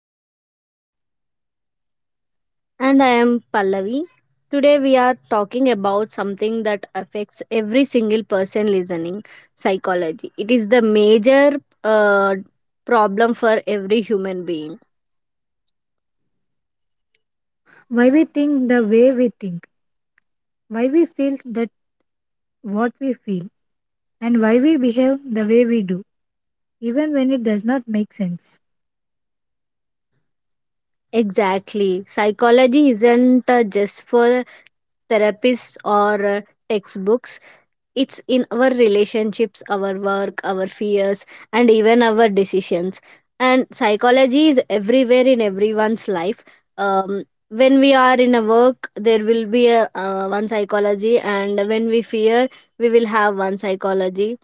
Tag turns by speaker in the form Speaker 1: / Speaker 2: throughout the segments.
Speaker 1: Krishnaveni.
Speaker 2: And I am Pallavi. Today we are talking about something that affects every single person listening, psychology. It is the major uh, problem for every human being.
Speaker 1: Why we think the way we think, why we feel that what we feel, and why we behave the way we do, even when it does not make sense.
Speaker 2: Exactly. Psychology isn't just for therapists or textbooks. It's in our relationships, our work, our fears, and even our decisions. And psychology is everywhere in everyone's life. Um, when we are in a work, there will be a one psychology, and when we fear, we will have one psychology.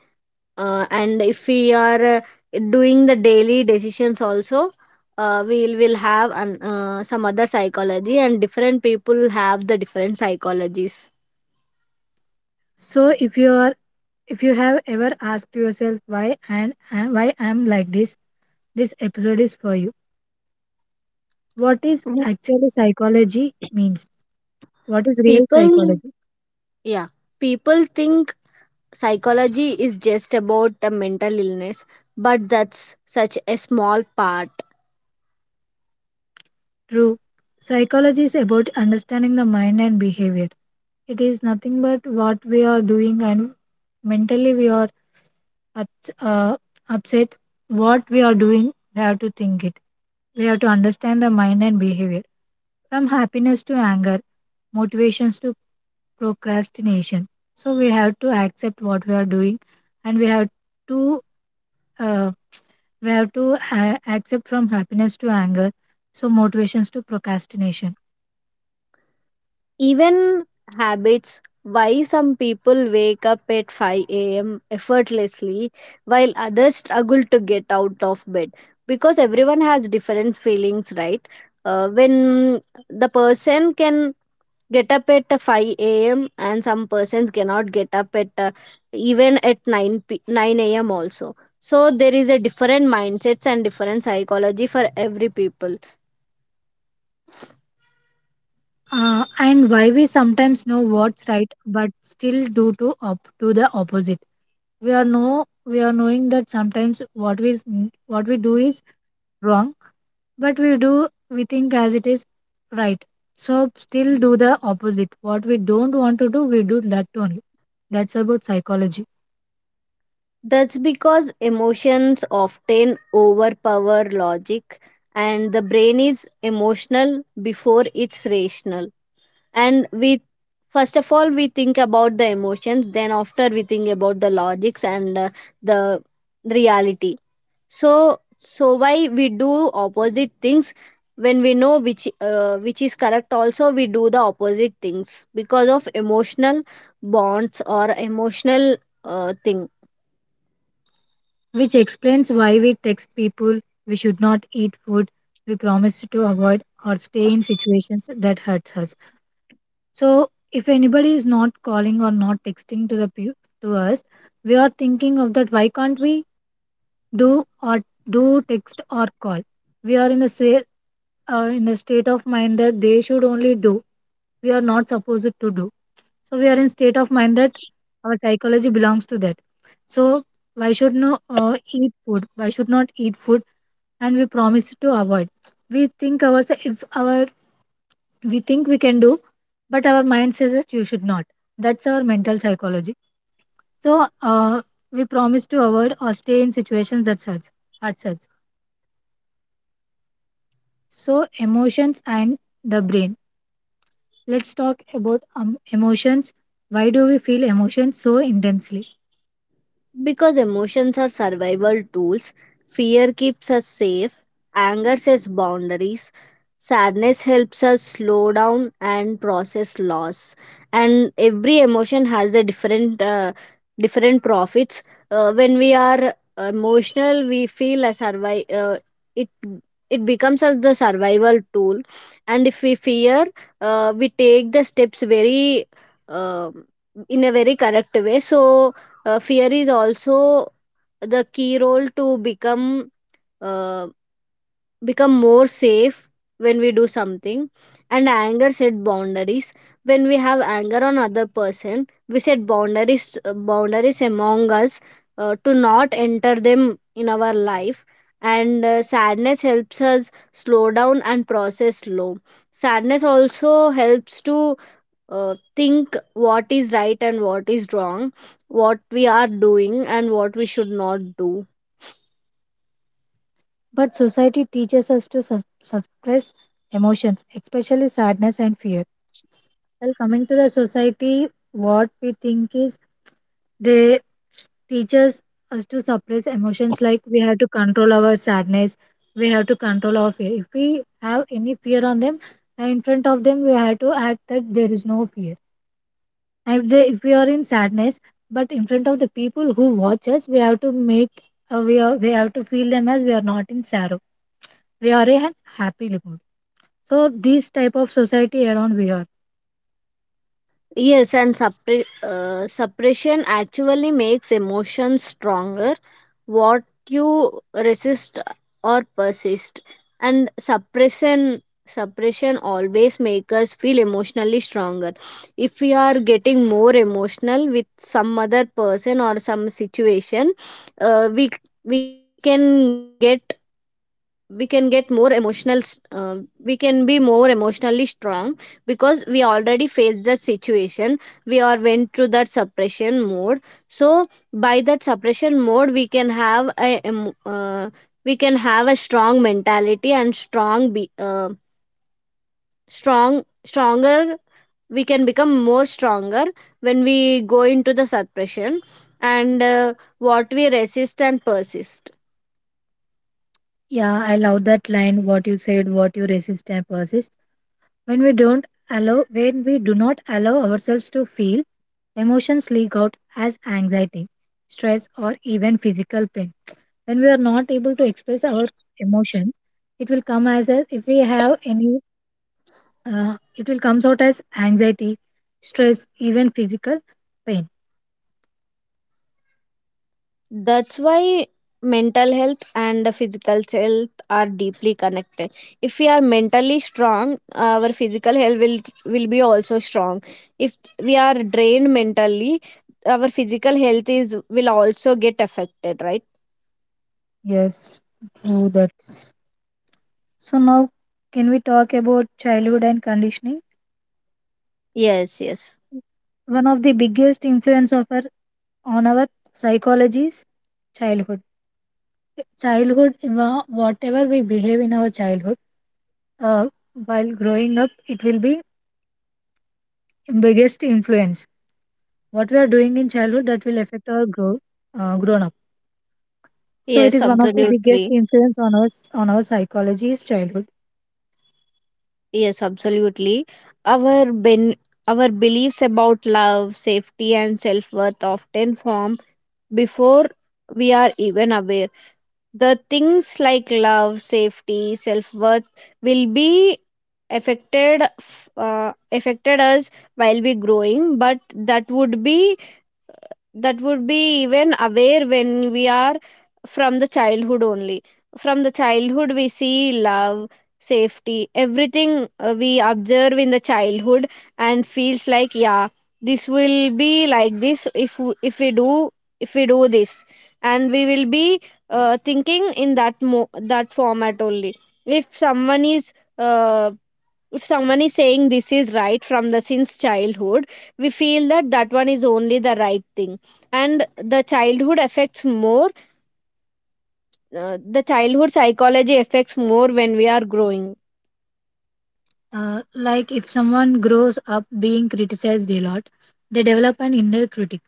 Speaker 2: And if we are doing the daily decisions also, we will have an, some other psychology, and different people have the different psychologies.
Speaker 1: So if you are if you have ever asked yourself why and why I am like this episode is for you. What is actually psychology means? What is real
Speaker 2: People,
Speaker 1: psychology?
Speaker 2: yeah, people think psychology is just about a mental illness, but that's such a small part.
Speaker 1: True. Psychology is about understanding the mind and behavior. It is nothing but what we are doing and mentally we are up, uh, upset. What we are doing, we have to think it. We have to understand the mind and behavior. From happiness to anger, motivations to procrastination. So we have to accept what we are doing and to uh, we have to accept from happiness to anger. So motivations to procrastination.
Speaker 2: Even habits, why some people wake up at 5 a.m. effortlessly while others struggle to get out of bed, because everyone has different feelings, right? When the person can get up at 5 a.m and some persons cannot get up at even at 9 a.m also, so there is a different mindsets and different psychology for every people.
Speaker 1: And why we sometimes know what's right but still do the opposite. We are knowing that sometimes what we do is wrong, but we think as it is right, so still do the opposite. What we don't want to do, we do that only. That's about psychology,
Speaker 2: That's because emotions often overpower logic, and the brain is emotional before it's rational. And we first of all we think about the emotions, then after we think about the logics and the reality. So why we do opposite things when we know which is correct? Also we do the opposite things because of emotional bonds or emotional thing.
Speaker 1: which explains why we text people we should not, eat food we promise to avoid, or stay in situations that hurts us. So if anybody is not calling or not texting to to us, we are thinking of that. Why can't we do or do text or call? We are in a say, in a state of mind that they should only do. We are not supposed to do. So we are in state of mind that our psychology belongs to that. So why should no eat food? Why should not eat food? And we promise to avoid. We think ourselves if our we think we can do, but our mind says that you should not. That's our mental psychology. So we promise to avoid or stay in situations that such hurt such. So emotions and the brain, let's talk about emotions. Why do we feel emotions so intensely?
Speaker 2: Because emotions are survival tools. Fear keeps us safe, anger sets boundaries, sadness helps us slow down and process loss. And every emotion has a different, different profits. When we are emotional, we feel a survive. It it becomes as the survival tool. And if we fear, we take the steps very, um in a very correct way. So fear is also the key role to become uh, become more safe when we do something. And anger set boundaries. When we have anger on other person, we set boundaries, boundaries among us, to not enter them in our life. And sadness helps us slow down and process slow. Sadness also helps to think what is right and what is wrong, what we are doing and what we should not do.
Speaker 1: But society teaches us to suppress emotions, especially sadness and fear. Well, coming to the society, what we think is they teaches us to suppress emotions. Like, we have to control our sadness, we have to control our fear. If we have any fear on them, in front of them we have to act that there is no fear. And if we are in sadness, but in front of the people who watch us, we have to make, we have to feel them as we are not in sorrow. We are in happy mood. So this type of society around we are.
Speaker 2: Yes, and suppression actually makes emotions stronger. What you resist or persist, and suppression always make us feel emotionally stronger. If we are getting more emotional with some other person or some situation, uh, we we can get, we can get more emotional, we can be more emotionally strong because we already faced the situation. We are went through that suppression mode. So by that suppression mode, we can have a we can have a strong mentality and strong be strong stronger. We can become more stronger when we go into the suppression. And what we resist and persist.
Speaker 1: Yeah, I love that line, what you said, what you resist and persist. When we do not allow ourselves to feel, emotions leak out as anxiety, stress, or even physical pain. When we are not able to express our emotions, it will come as a, if we have any, it will comes out as anxiety, stress, even physical pain.
Speaker 2: That's why mental health and the physical health are deeply connected. If we are mentally strong, our physical health will be also strong. If we are drained mentally, our physical health is will also get affected, right?
Speaker 1: Yes, true. That's so. Now, can we talk about childhood and conditioning?
Speaker 2: Yes, yes.
Speaker 1: One of the biggest influence of our on our psychology is childhood. Childhood, whatever we behave in our childhood, uh, while growing up, it will be biggest influence. What we are doing in childhood, that will affect our grown up. So it
Speaker 2: Yes,
Speaker 1: is one of the biggest
Speaker 2: absolutely.
Speaker 1: influence on us, on our psychology is childhood.
Speaker 2: Yes, absolutely. Our ben our beliefs about love, safety, and self-worth often form before we are even aware. The things like love, safety, self worth will be affected us while we growing, but that would be, that would be even aware when we are from the childhood only. From the childhood we see love, safety, everything, we observe in the childhood and feels like, yeah, this will be like this if we do, if we do this, and we will be thinking in that that format only. If someone is uh, if someone is saying this is right from the since childhood, we feel that that one is only the right thing. And the childhood affects more, the childhood psychology affects more when we are growing.
Speaker 1: Like if someone grows up being criticized a lot, they develop an inner critic.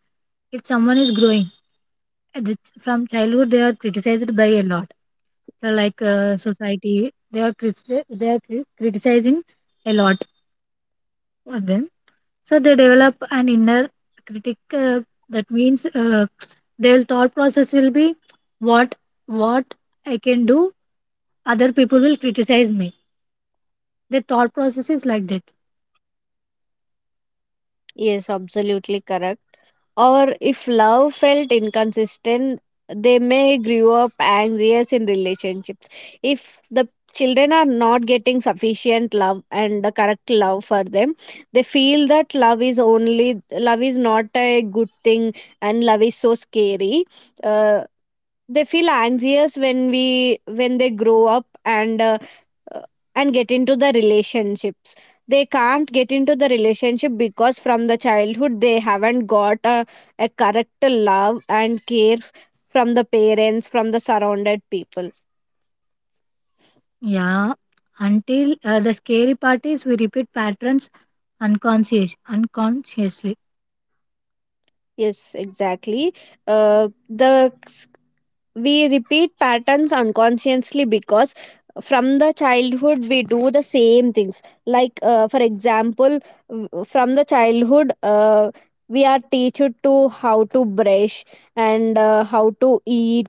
Speaker 1: If someone is growing at the, from childhood, they are criticized by a lot. So, like, society, they are criti they are criticizing a lot of them. So they develop an inner critic. That means their thought process will be, what what I can do. Other people will criticize me. Their thought process is like that.
Speaker 2: Yes, absolutely correct. Or if love felt inconsistent, they may grow up anxious in relationships. If the children are not getting sufficient love and the correct love for them, they feel that love is only, love is not a good thing and love is so scary. Uh, they feel anxious when we when they grow up uh, and get into the relationships. They can't get into the relationship because from the childhood they haven't got a correct love and care from the parents, from the surrounded people.
Speaker 1: Yeah. Until The scary part is we repeat patterns unconsciously.
Speaker 2: Yes, exactly. The We repeat patterns unconsciously because from the childhood we do the same things, like for example, from the childhood we are teached to how to brush and how to eat.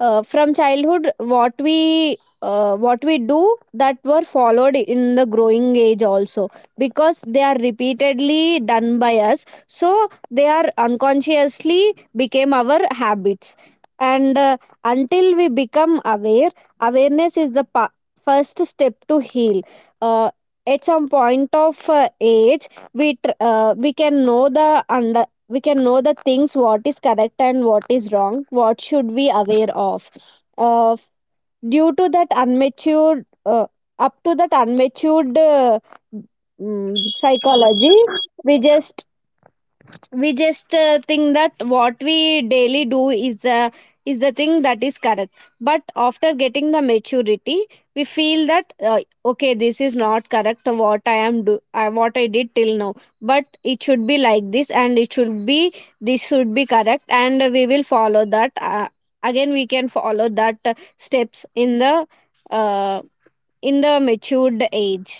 Speaker 2: From childhood what we do, that were followed in the growing age also, because they are repeatedly done by us, so they are unconsciously became our habits. And until we become aware, awareness is the first step to heal. uh, at some point of age, we can know the under, we can know the things, what is correct and what is wrong, what should we aware of. Uh, due to that unmatured, up to that unmatured, psychology, we just we just think that what we daily do is the thing that is correct. But after getting the maturity, we feel that okay, this is not correct. So what I am do what I did till now, but it should be like this, and it should be this should be correct. And we will follow that, again we can follow that steps uh, in the matured age.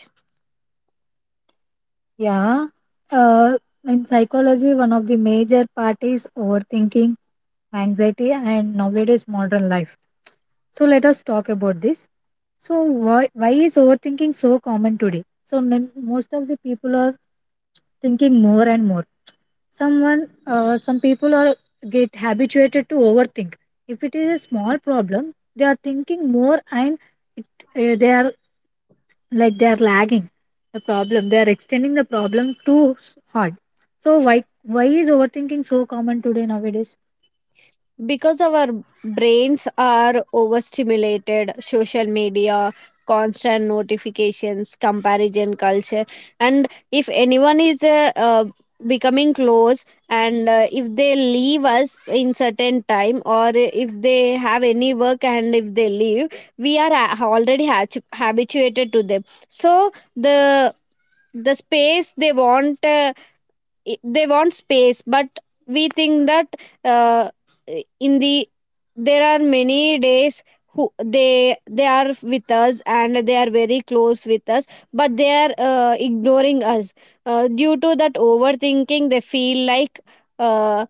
Speaker 1: Yeah. Uh, in psychology, one of the major part is overthinking, anxiety, and nowadays modern life. So let us talk about this. So why is overthinking so common today? So most of the people are thinking more and more. Some people are get habituated to overthink. If it is a small problem, they are thinking more and it, they are, like, they are lagging the problem. They are extending the problem hard. So why is overthinking so common today nowadays?
Speaker 2: Because our brains are overstimulated, social media, constant notifications, comparison culture. And if anyone is becoming close and if they leave us in certain time, or if they have any work and if they leave, we are already habituated to them. So the the space they want, they want space, but we think that uh, in the there are many days who they are with us and they are very close with us, but they are ignoring us. Due to that overthinking, they feel like uh,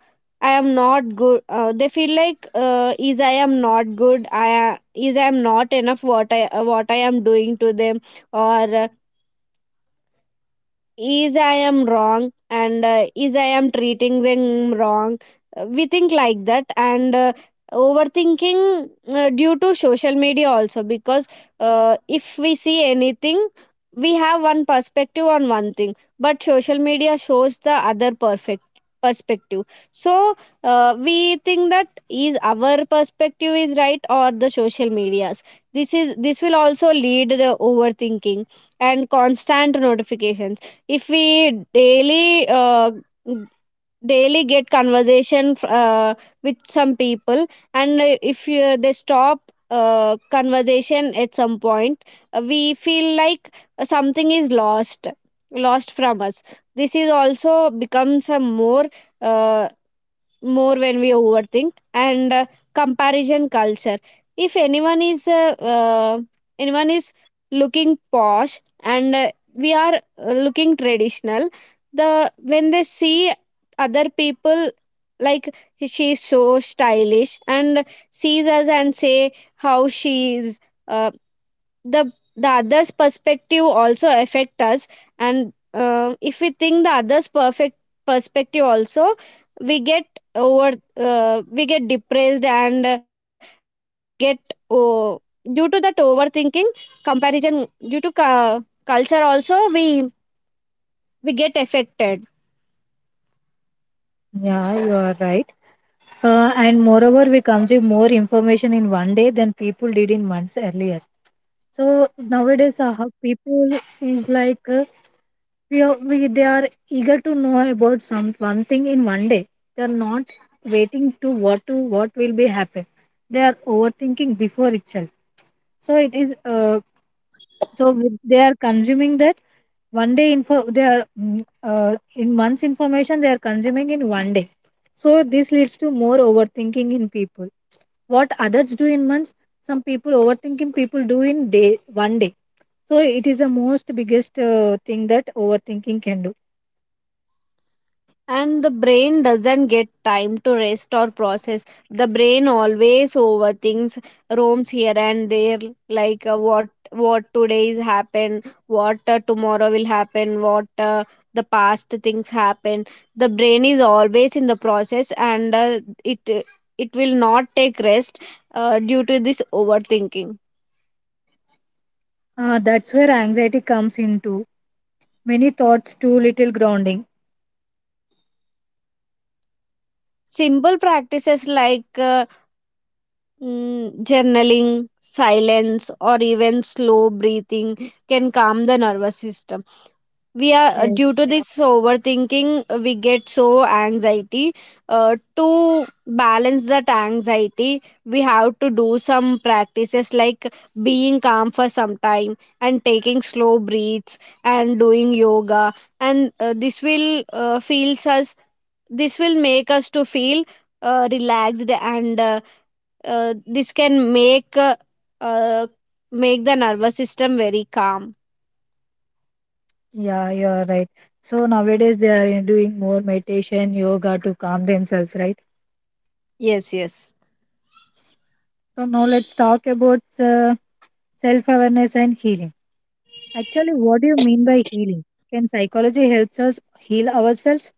Speaker 2: I am not good. They feel like is I am not good, I a- is I am not enough. What I what I am doing to them, or is I am wrong, and is I am treating them wrong. We think like that. And overthinking due to social media also, because if we see anything, we have one perspective on one thing, but social media shows the other perfect perspective. So we think that is our perspective is right or the social medias. This is, this will also lead the overthinking. And constant notifications, if we daily n- daily get conversation with some people, and if you, they stop conversation at some point, we feel like something is lost, lost from us. This is also becomes a more, uh, more when we overthink. And comparison culture, if anyone is anyone is looking posh and we are looking traditional, the when they see other people, like she's so stylish, and sees us and say how she is. uh, the the others perspective also affect us. And if we think the others perfect perspective also, we get over we get depressed. And we get oh, due to that overthinking, comparison due to culture also, we get affected.
Speaker 1: Yeah, you are right. And moreover, we consume more information in one day than people did in months earlier. So nowadays, how people is like, we, they are eager to know about some one thing in one day. They are not waiting to what, to what will be happen. They are overthinking before itself. So it is so they are consuming that one day info. They are in months information they are consuming in one day. So this leads to more overthinking in people. What others do in months, some people overthinking people do in day one day. So it is the most biggest thing that overthinking can do.
Speaker 2: And the brain doesn't get time to rest or process. The brain always overthinks, roams here and there, like what today is happened, what tomorrow will happen, what the past things happen. The brain is always in the process. And it it will not take rest due to this overthinking.
Speaker 3: Ah, that's where anxiety comes into. Many thoughts, too little grounding.
Speaker 2: Simple practices like journaling, silence, or even slow breathing can calm the nervous system. We are
Speaker 3: Yes,
Speaker 2: due to this overthinking, we get so anxiety. To balance that anxiety, we have to do some practices like being calm for some time and taking slow breaths and doing yoga. And this will feels us. This will make us to feel relaxed and this can uh, make the nervous system very calm.
Speaker 3: yeah, you're right. So nowadays they are doing more meditation, yoga to calm themselves, right?
Speaker 2: Yes, yes.
Speaker 3: So now let's talk about self-awareness and healing. Actually, what do you mean by healing? Can psychology helps us heal ourselves?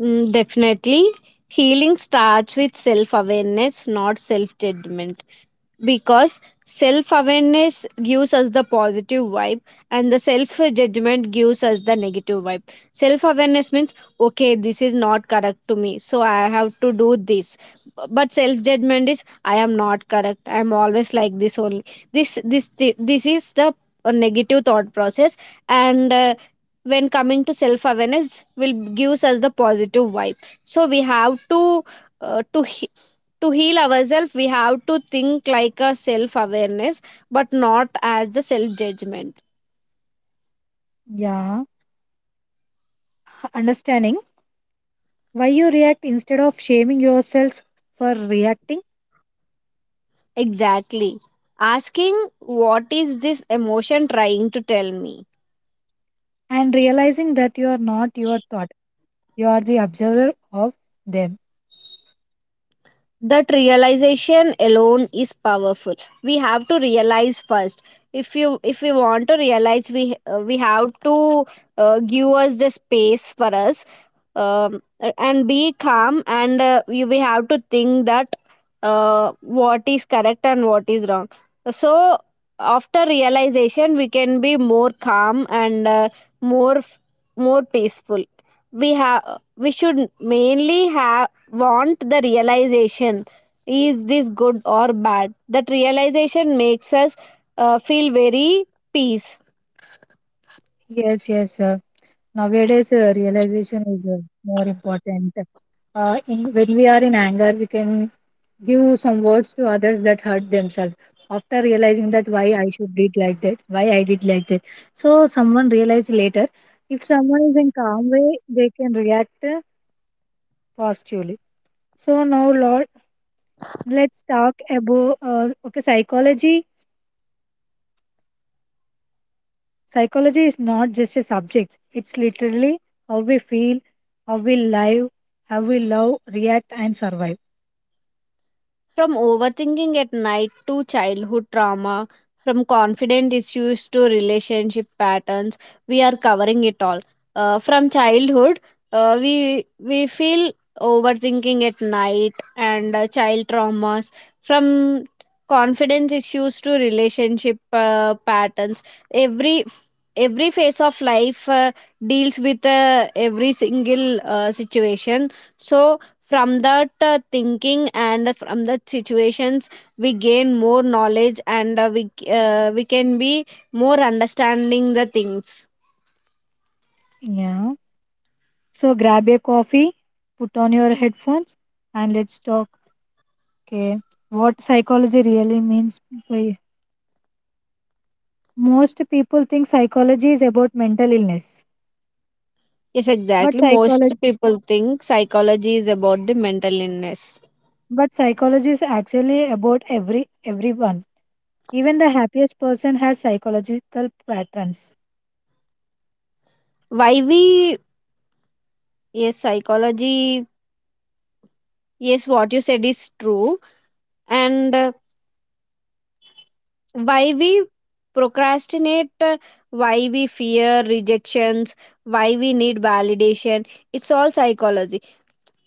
Speaker 2: Mm, definitely, healing starts with self awareness, not self judgment, because self awareness gives us the positive vibe and the self judgment gives us the negative vibe. Self awareness means okay, this is not correct to me, so I have to do this. But self judgment is I am not correct, I am always like this only. This is the negative thought process. And when coming to self awareness will gives us the positive vibe. So we have to, uh, to to heal ourselves we have to think like a self awareness, but not as the self judgment.
Speaker 3: Yeah, understanding why you react instead of shaming yourself for reacting
Speaker 2: Exactly. Asking, what is this emotion trying to tell me?
Speaker 3: and realizing that you are not your thought. You are the observer of them.
Speaker 2: That realization alone is powerful. We have to realize first. If we want to realize, we, we have to, give us the space for us, um, and be calm, and we have to think that what is correct and what is wrong. So after realization we can be more calm and more, more peaceful. We have, we should mainly have, want the realization, is this good or bad? That realization makes us feel very peace.
Speaker 3: Yes, yes, nowadays, realization is more important. In when we are in anger, we can give some words to others that hurt themselves. After realizing that why I should did like that, why I did like that, so someone realized later. If someone is in calm way, they can react positively. So now, Lord, let's talk about okay psychology. Psychology is not just a subject; it's literally how we feel, how we live, how we love, react, and survive.
Speaker 2: From overthinking at night to childhood trauma, from confident issues to relationship patterns, we are covering it all. From childhood, we feel overthinking at night, and child traumas, from confidence issues to relationship patterns. Every every phase of life, deals with every single situation. So from that thinking and from that situations, we gain more knowledge and we can be more understanding the things.
Speaker 3: Yeah. So grab a coffee, put on your headphones, and let's talk. Okay. What psychology really means? by- Most people think psychology is about mental illness,
Speaker 2: Yes,
Speaker 3: but
Speaker 2: exactly. Most
Speaker 3: psychology,
Speaker 2: people think psychology is about the mental illness.
Speaker 3: but psychology is actually about everyone. Even the happiest person has psychological patterns.
Speaker 2: Why we, yes, psychology, yes, what you said is true. And why we procrastinate, why we fear rejections, why we need validation, it's all psychology.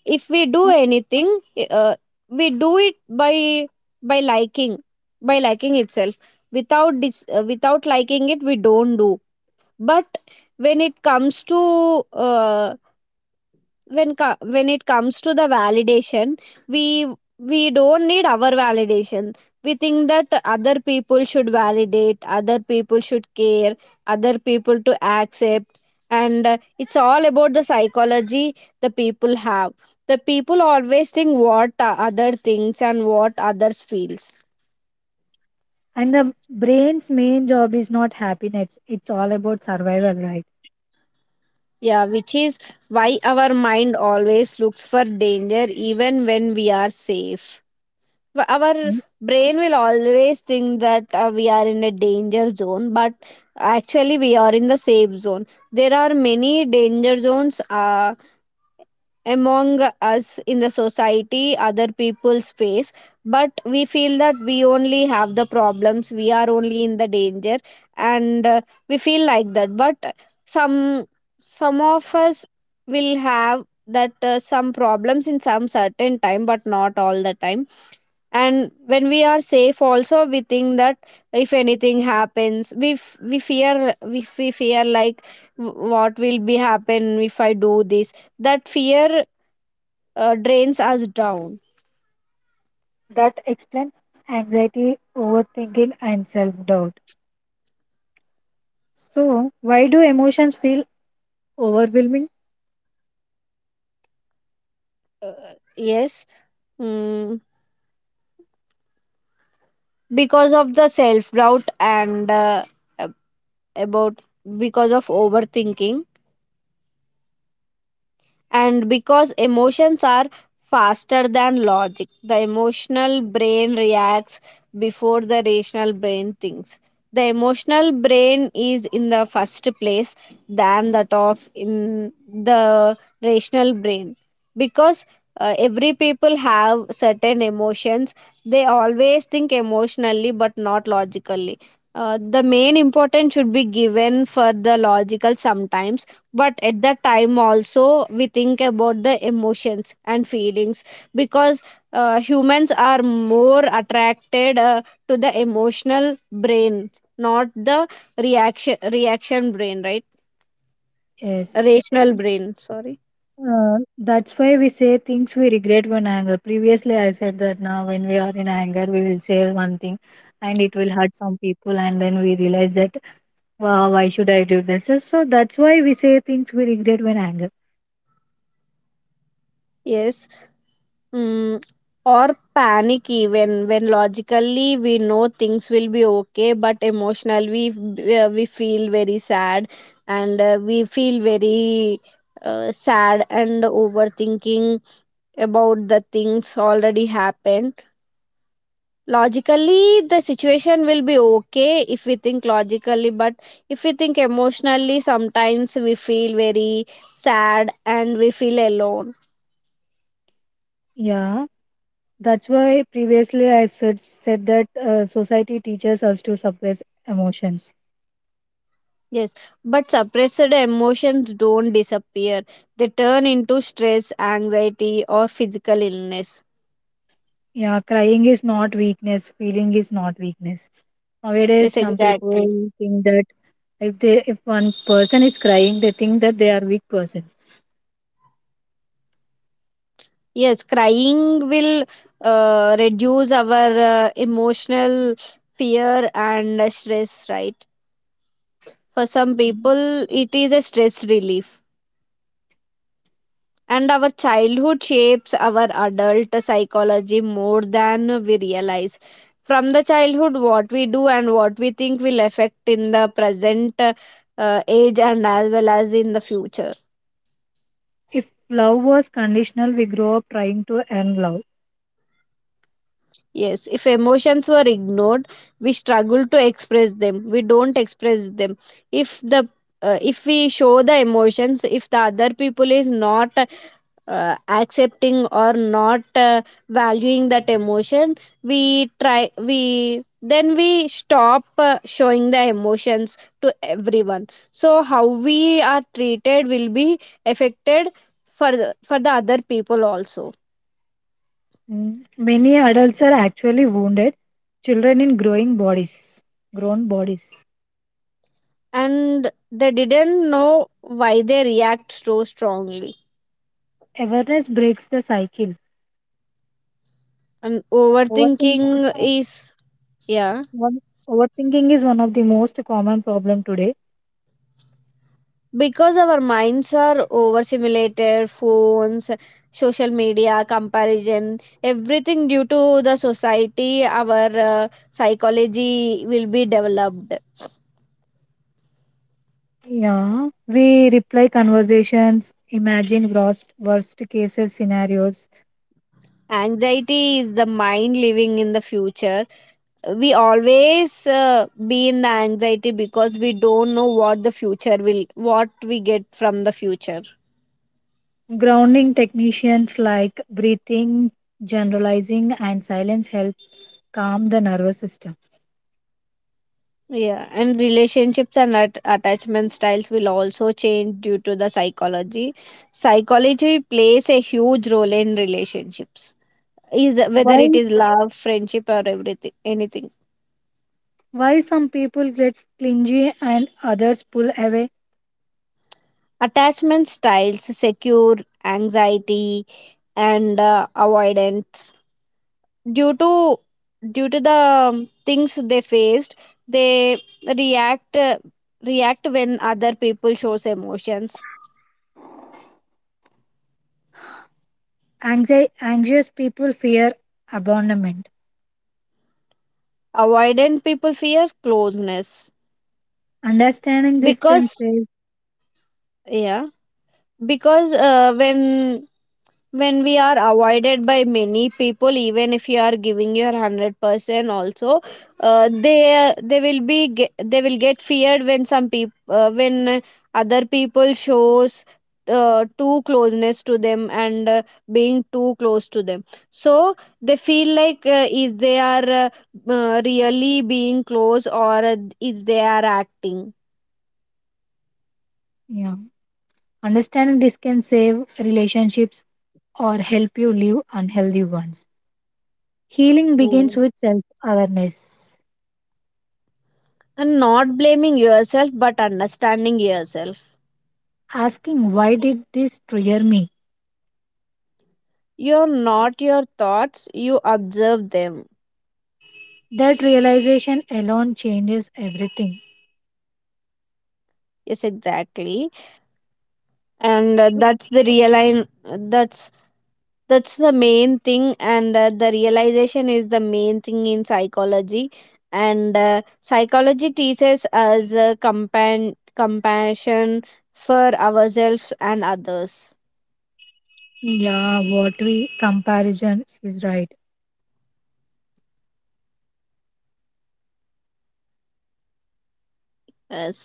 Speaker 2: If we do
Speaker 3: A-
Speaker 2: anything, uh, we do it by liking, by liking itself. Without without liking it, we don't do. But when it comes to, uh, when it comes to the validation, we we don't need our validation. We think that other people should validate, other people should care, other people to accept. And it's all about the psychology. The people have, the people always think what other thinks and what others feels.
Speaker 3: And the brain's main job is not happiness; it's all about survival, right?
Speaker 2: Yeah, which is why our mind always looks for danger even when we are safe. Our
Speaker 3: Mm.
Speaker 2: brain will always think that we are in a danger zone, but actually we are in the safe zone. There are many danger zones, among us in the society other people face, but we feel that we only have the problems, we are only in the danger. And we feel like that. But some some of us will have that, some problems in some certain time, but not all the time. And when we are safe also, we think that if anything happens, we fear, we fear like, what will be happen if I do this. That fear drains us down.
Speaker 3: That explains anxiety, overthinking, and self doubt. So, why do emotions feel overwhelming?
Speaker 2: Yes. Mm, because of the self doubt, and ab- about because of overthinking. And because emotions are faster than logic, the emotional brain reacts before the rational brain thinks. The emotional brain is in the first place than that of in the rational brain. Because every people have certain emotions, they always think emotionally but not logically. The main importance should be given for the logical sometimes, but at that time also we think about the emotions and feelings. Because humans are more attracted to the emotional brain, not the reaction brain, right?
Speaker 3: Yes.
Speaker 2: Rational brain, sorry.
Speaker 3: That's why we say things we regret when anger. Previously, I said that now when we are in anger, we will say one thing and it will hurt some people, and then we realize that, wow, why should I do this? So that's why we say things we regret when anger.
Speaker 2: Yes. Mm, or panic, even when logically we know things will be okay, but emotionally we feel very sad. And we feel very sad and overthinking about the things already happened. Logically the situation will be okay if we think logically, but if we think emotionally, sometimes we feel very sad and we feel alone.
Speaker 3: Yeah, that's why previously I said that society teaches us to suppress emotions.
Speaker 2: Yes, but suppressed emotions don't disappear. They turn into stress, anxiety, or physical illness.
Speaker 3: Yeah, crying is not weakness, feeling is not weakness. Nowadays,
Speaker 2: Yes,
Speaker 3: some
Speaker 2: exactly.
Speaker 3: people think that if one person is crying, they think that they are weak person.
Speaker 2: Yes, crying will reduce our emotional fear and stress, right? For some
Speaker 3: Mm.
Speaker 2: people, it is a stress relief. And our childhood shapes our adult psychology more than we realize. From the childhood, what we do and what we think will affect in the present age, and as well as in the future.
Speaker 3: If love was conditional, we grow up trying to earn love.
Speaker 2: Yes, if emotions were ignored, we struggle to express them. We don't express them. If the, if we show the emotions, if the other people is not accepting or not valuing that emotion, we try, we then we stop showing the emotions to everyone. So how we are treated will be affected for the other people also.
Speaker 3: Mm. Many adults are actually wounded children in growing bodies, grown bodies.
Speaker 2: And they didn't know why they react so strongly.
Speaker 3: Awareness breaks the cycle.
Speaker 2: And
Speaker 3: Overthink,
Speaker 2: overthinking is, yeah,
Speaker 3: one, overthinking is one of the most common problem today.
Speaker 2: because our minds are overstimulated, phones, social media, comparison, everything. Due to the society our psychology will be developed.
Speaker 3: Yeah, we reply conversations, imagine worst cases scenarios,
Speaker 2: Anxiety is the mind living in the future. We always be in the anxiety because we don't know what the future will, what we get from the future.
Speaker 3: grounding techniques like breathing, generalizing, and silence help calm the nervous system.
Speaker 2: Yeah, and relationships and attachment styles will also change due to the psychology. Psychology plays a huge role in relationships, is whether it
Speaker 3: Why
Speaker 2: is love, friendship, or everything, anything.
Speaker 3: why some people get clingy and others pull away?
Speaker 2: Attachment styles, secure, anxiety, and avoidance. Due to due to the things they faced, they react, react when other people shows emotions.
Speaker 3: Anxious people fear abandonment.
Speaker 2: Avoidant people fear closeness
Speaker 3: Understanding this can
Speaker 2: because,
Speaker 3: save,
Speaker 2: yeah, because when we are avoided by many people, even if you are giving your 100% also, they will be they will get feared when some people, when other people shows too closeness to them, and being too close to them. So they feel like, is they are, really being close, or is they are acting.
Speaker 3: yeah. Understanding this can save relationships or help you live unhealthy ones. Healing begins with self awareness,
Speaker 2: And not blaming yourself but understanding yourself.
Speaker 3: asking why did this trigger me?
Speaker 2: You're not your thoughts, you observe them.
Speaker 3: That realization alone changes everything.
Speaker 2: Yes, exactly. And
Speaker 3: So,
Speaker 2: that's the real, that's that's the main thing. And the realization is the main thing in psychology. And psychology teaches us compassion for ourselves and others.
Speaker 3: yeah, what we comparison is right.
Speaker 2: Yes,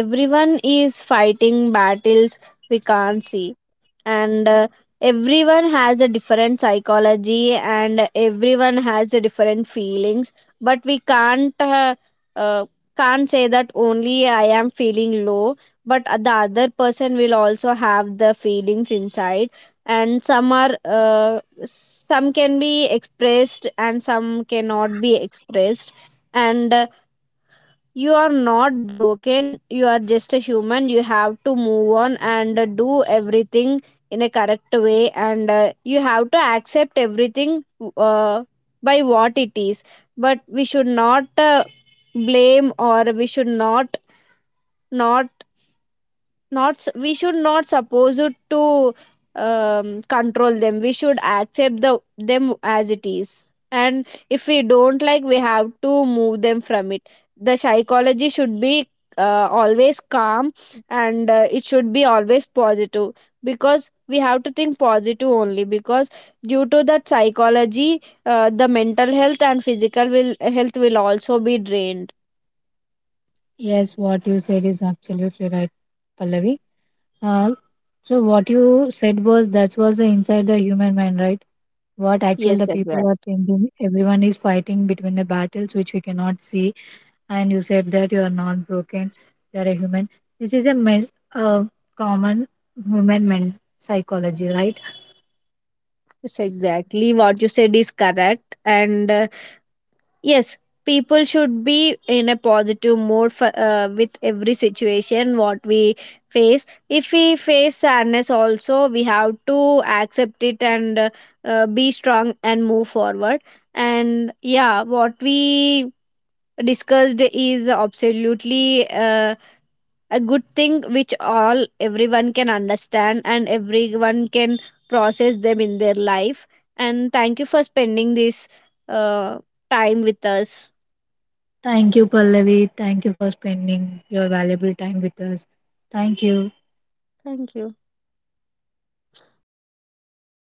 Speaker 2: everyone is fighting battles we can't see. And everyone has a different psychology, and everyone has a different feelings. But we can't, uh, can't say that only I am feeling low, but the other person will also have the feelings inside. And some are, some can be expressed and some cannot be expressed. And you are not broken, you are just a human. You have to move on, and do everything in a correct way, and you have to accept everything, uh, by what it is. But we should not, blame, or we should not, not, we should not suppose it to control them. We should accept the them as it is, and if we don't like, we have to move them from it. The psychology should be always calm, and it should be always positive, because we have to think positive only. Because due to that psychology, the mental health and physical will health will also be drained.
Speaker 3: Yes, what you said is absolutely right, Pallavi. Uh, so what you said was that was the inside the human mind, right? What actually the
Speaker 2: Yes,
Speaker 3: people are
Speaker 2: exactly.
Speaker 3: thinking. Everyone is fighting between the battles which we cannot see, and you said that you are not broken, you are a human. This is a mes- Common human men psychology, right?
Speaker 2: Yes, exactly what you said is correct. And yes, people should be in a positive mood for, with every situation what we face. If we face sadness, also we have to accept it, and be strong and move forward. And yeah, what we discussed is absolutely a good thing, which all everyone can understand, and everyone can process them in their life. And thank you for spending this uh, time with us.
Speaker 3: Thank you, Pallavi, thank you for spending your valuable time with us. Thank you.
Speaker 2: Thank you.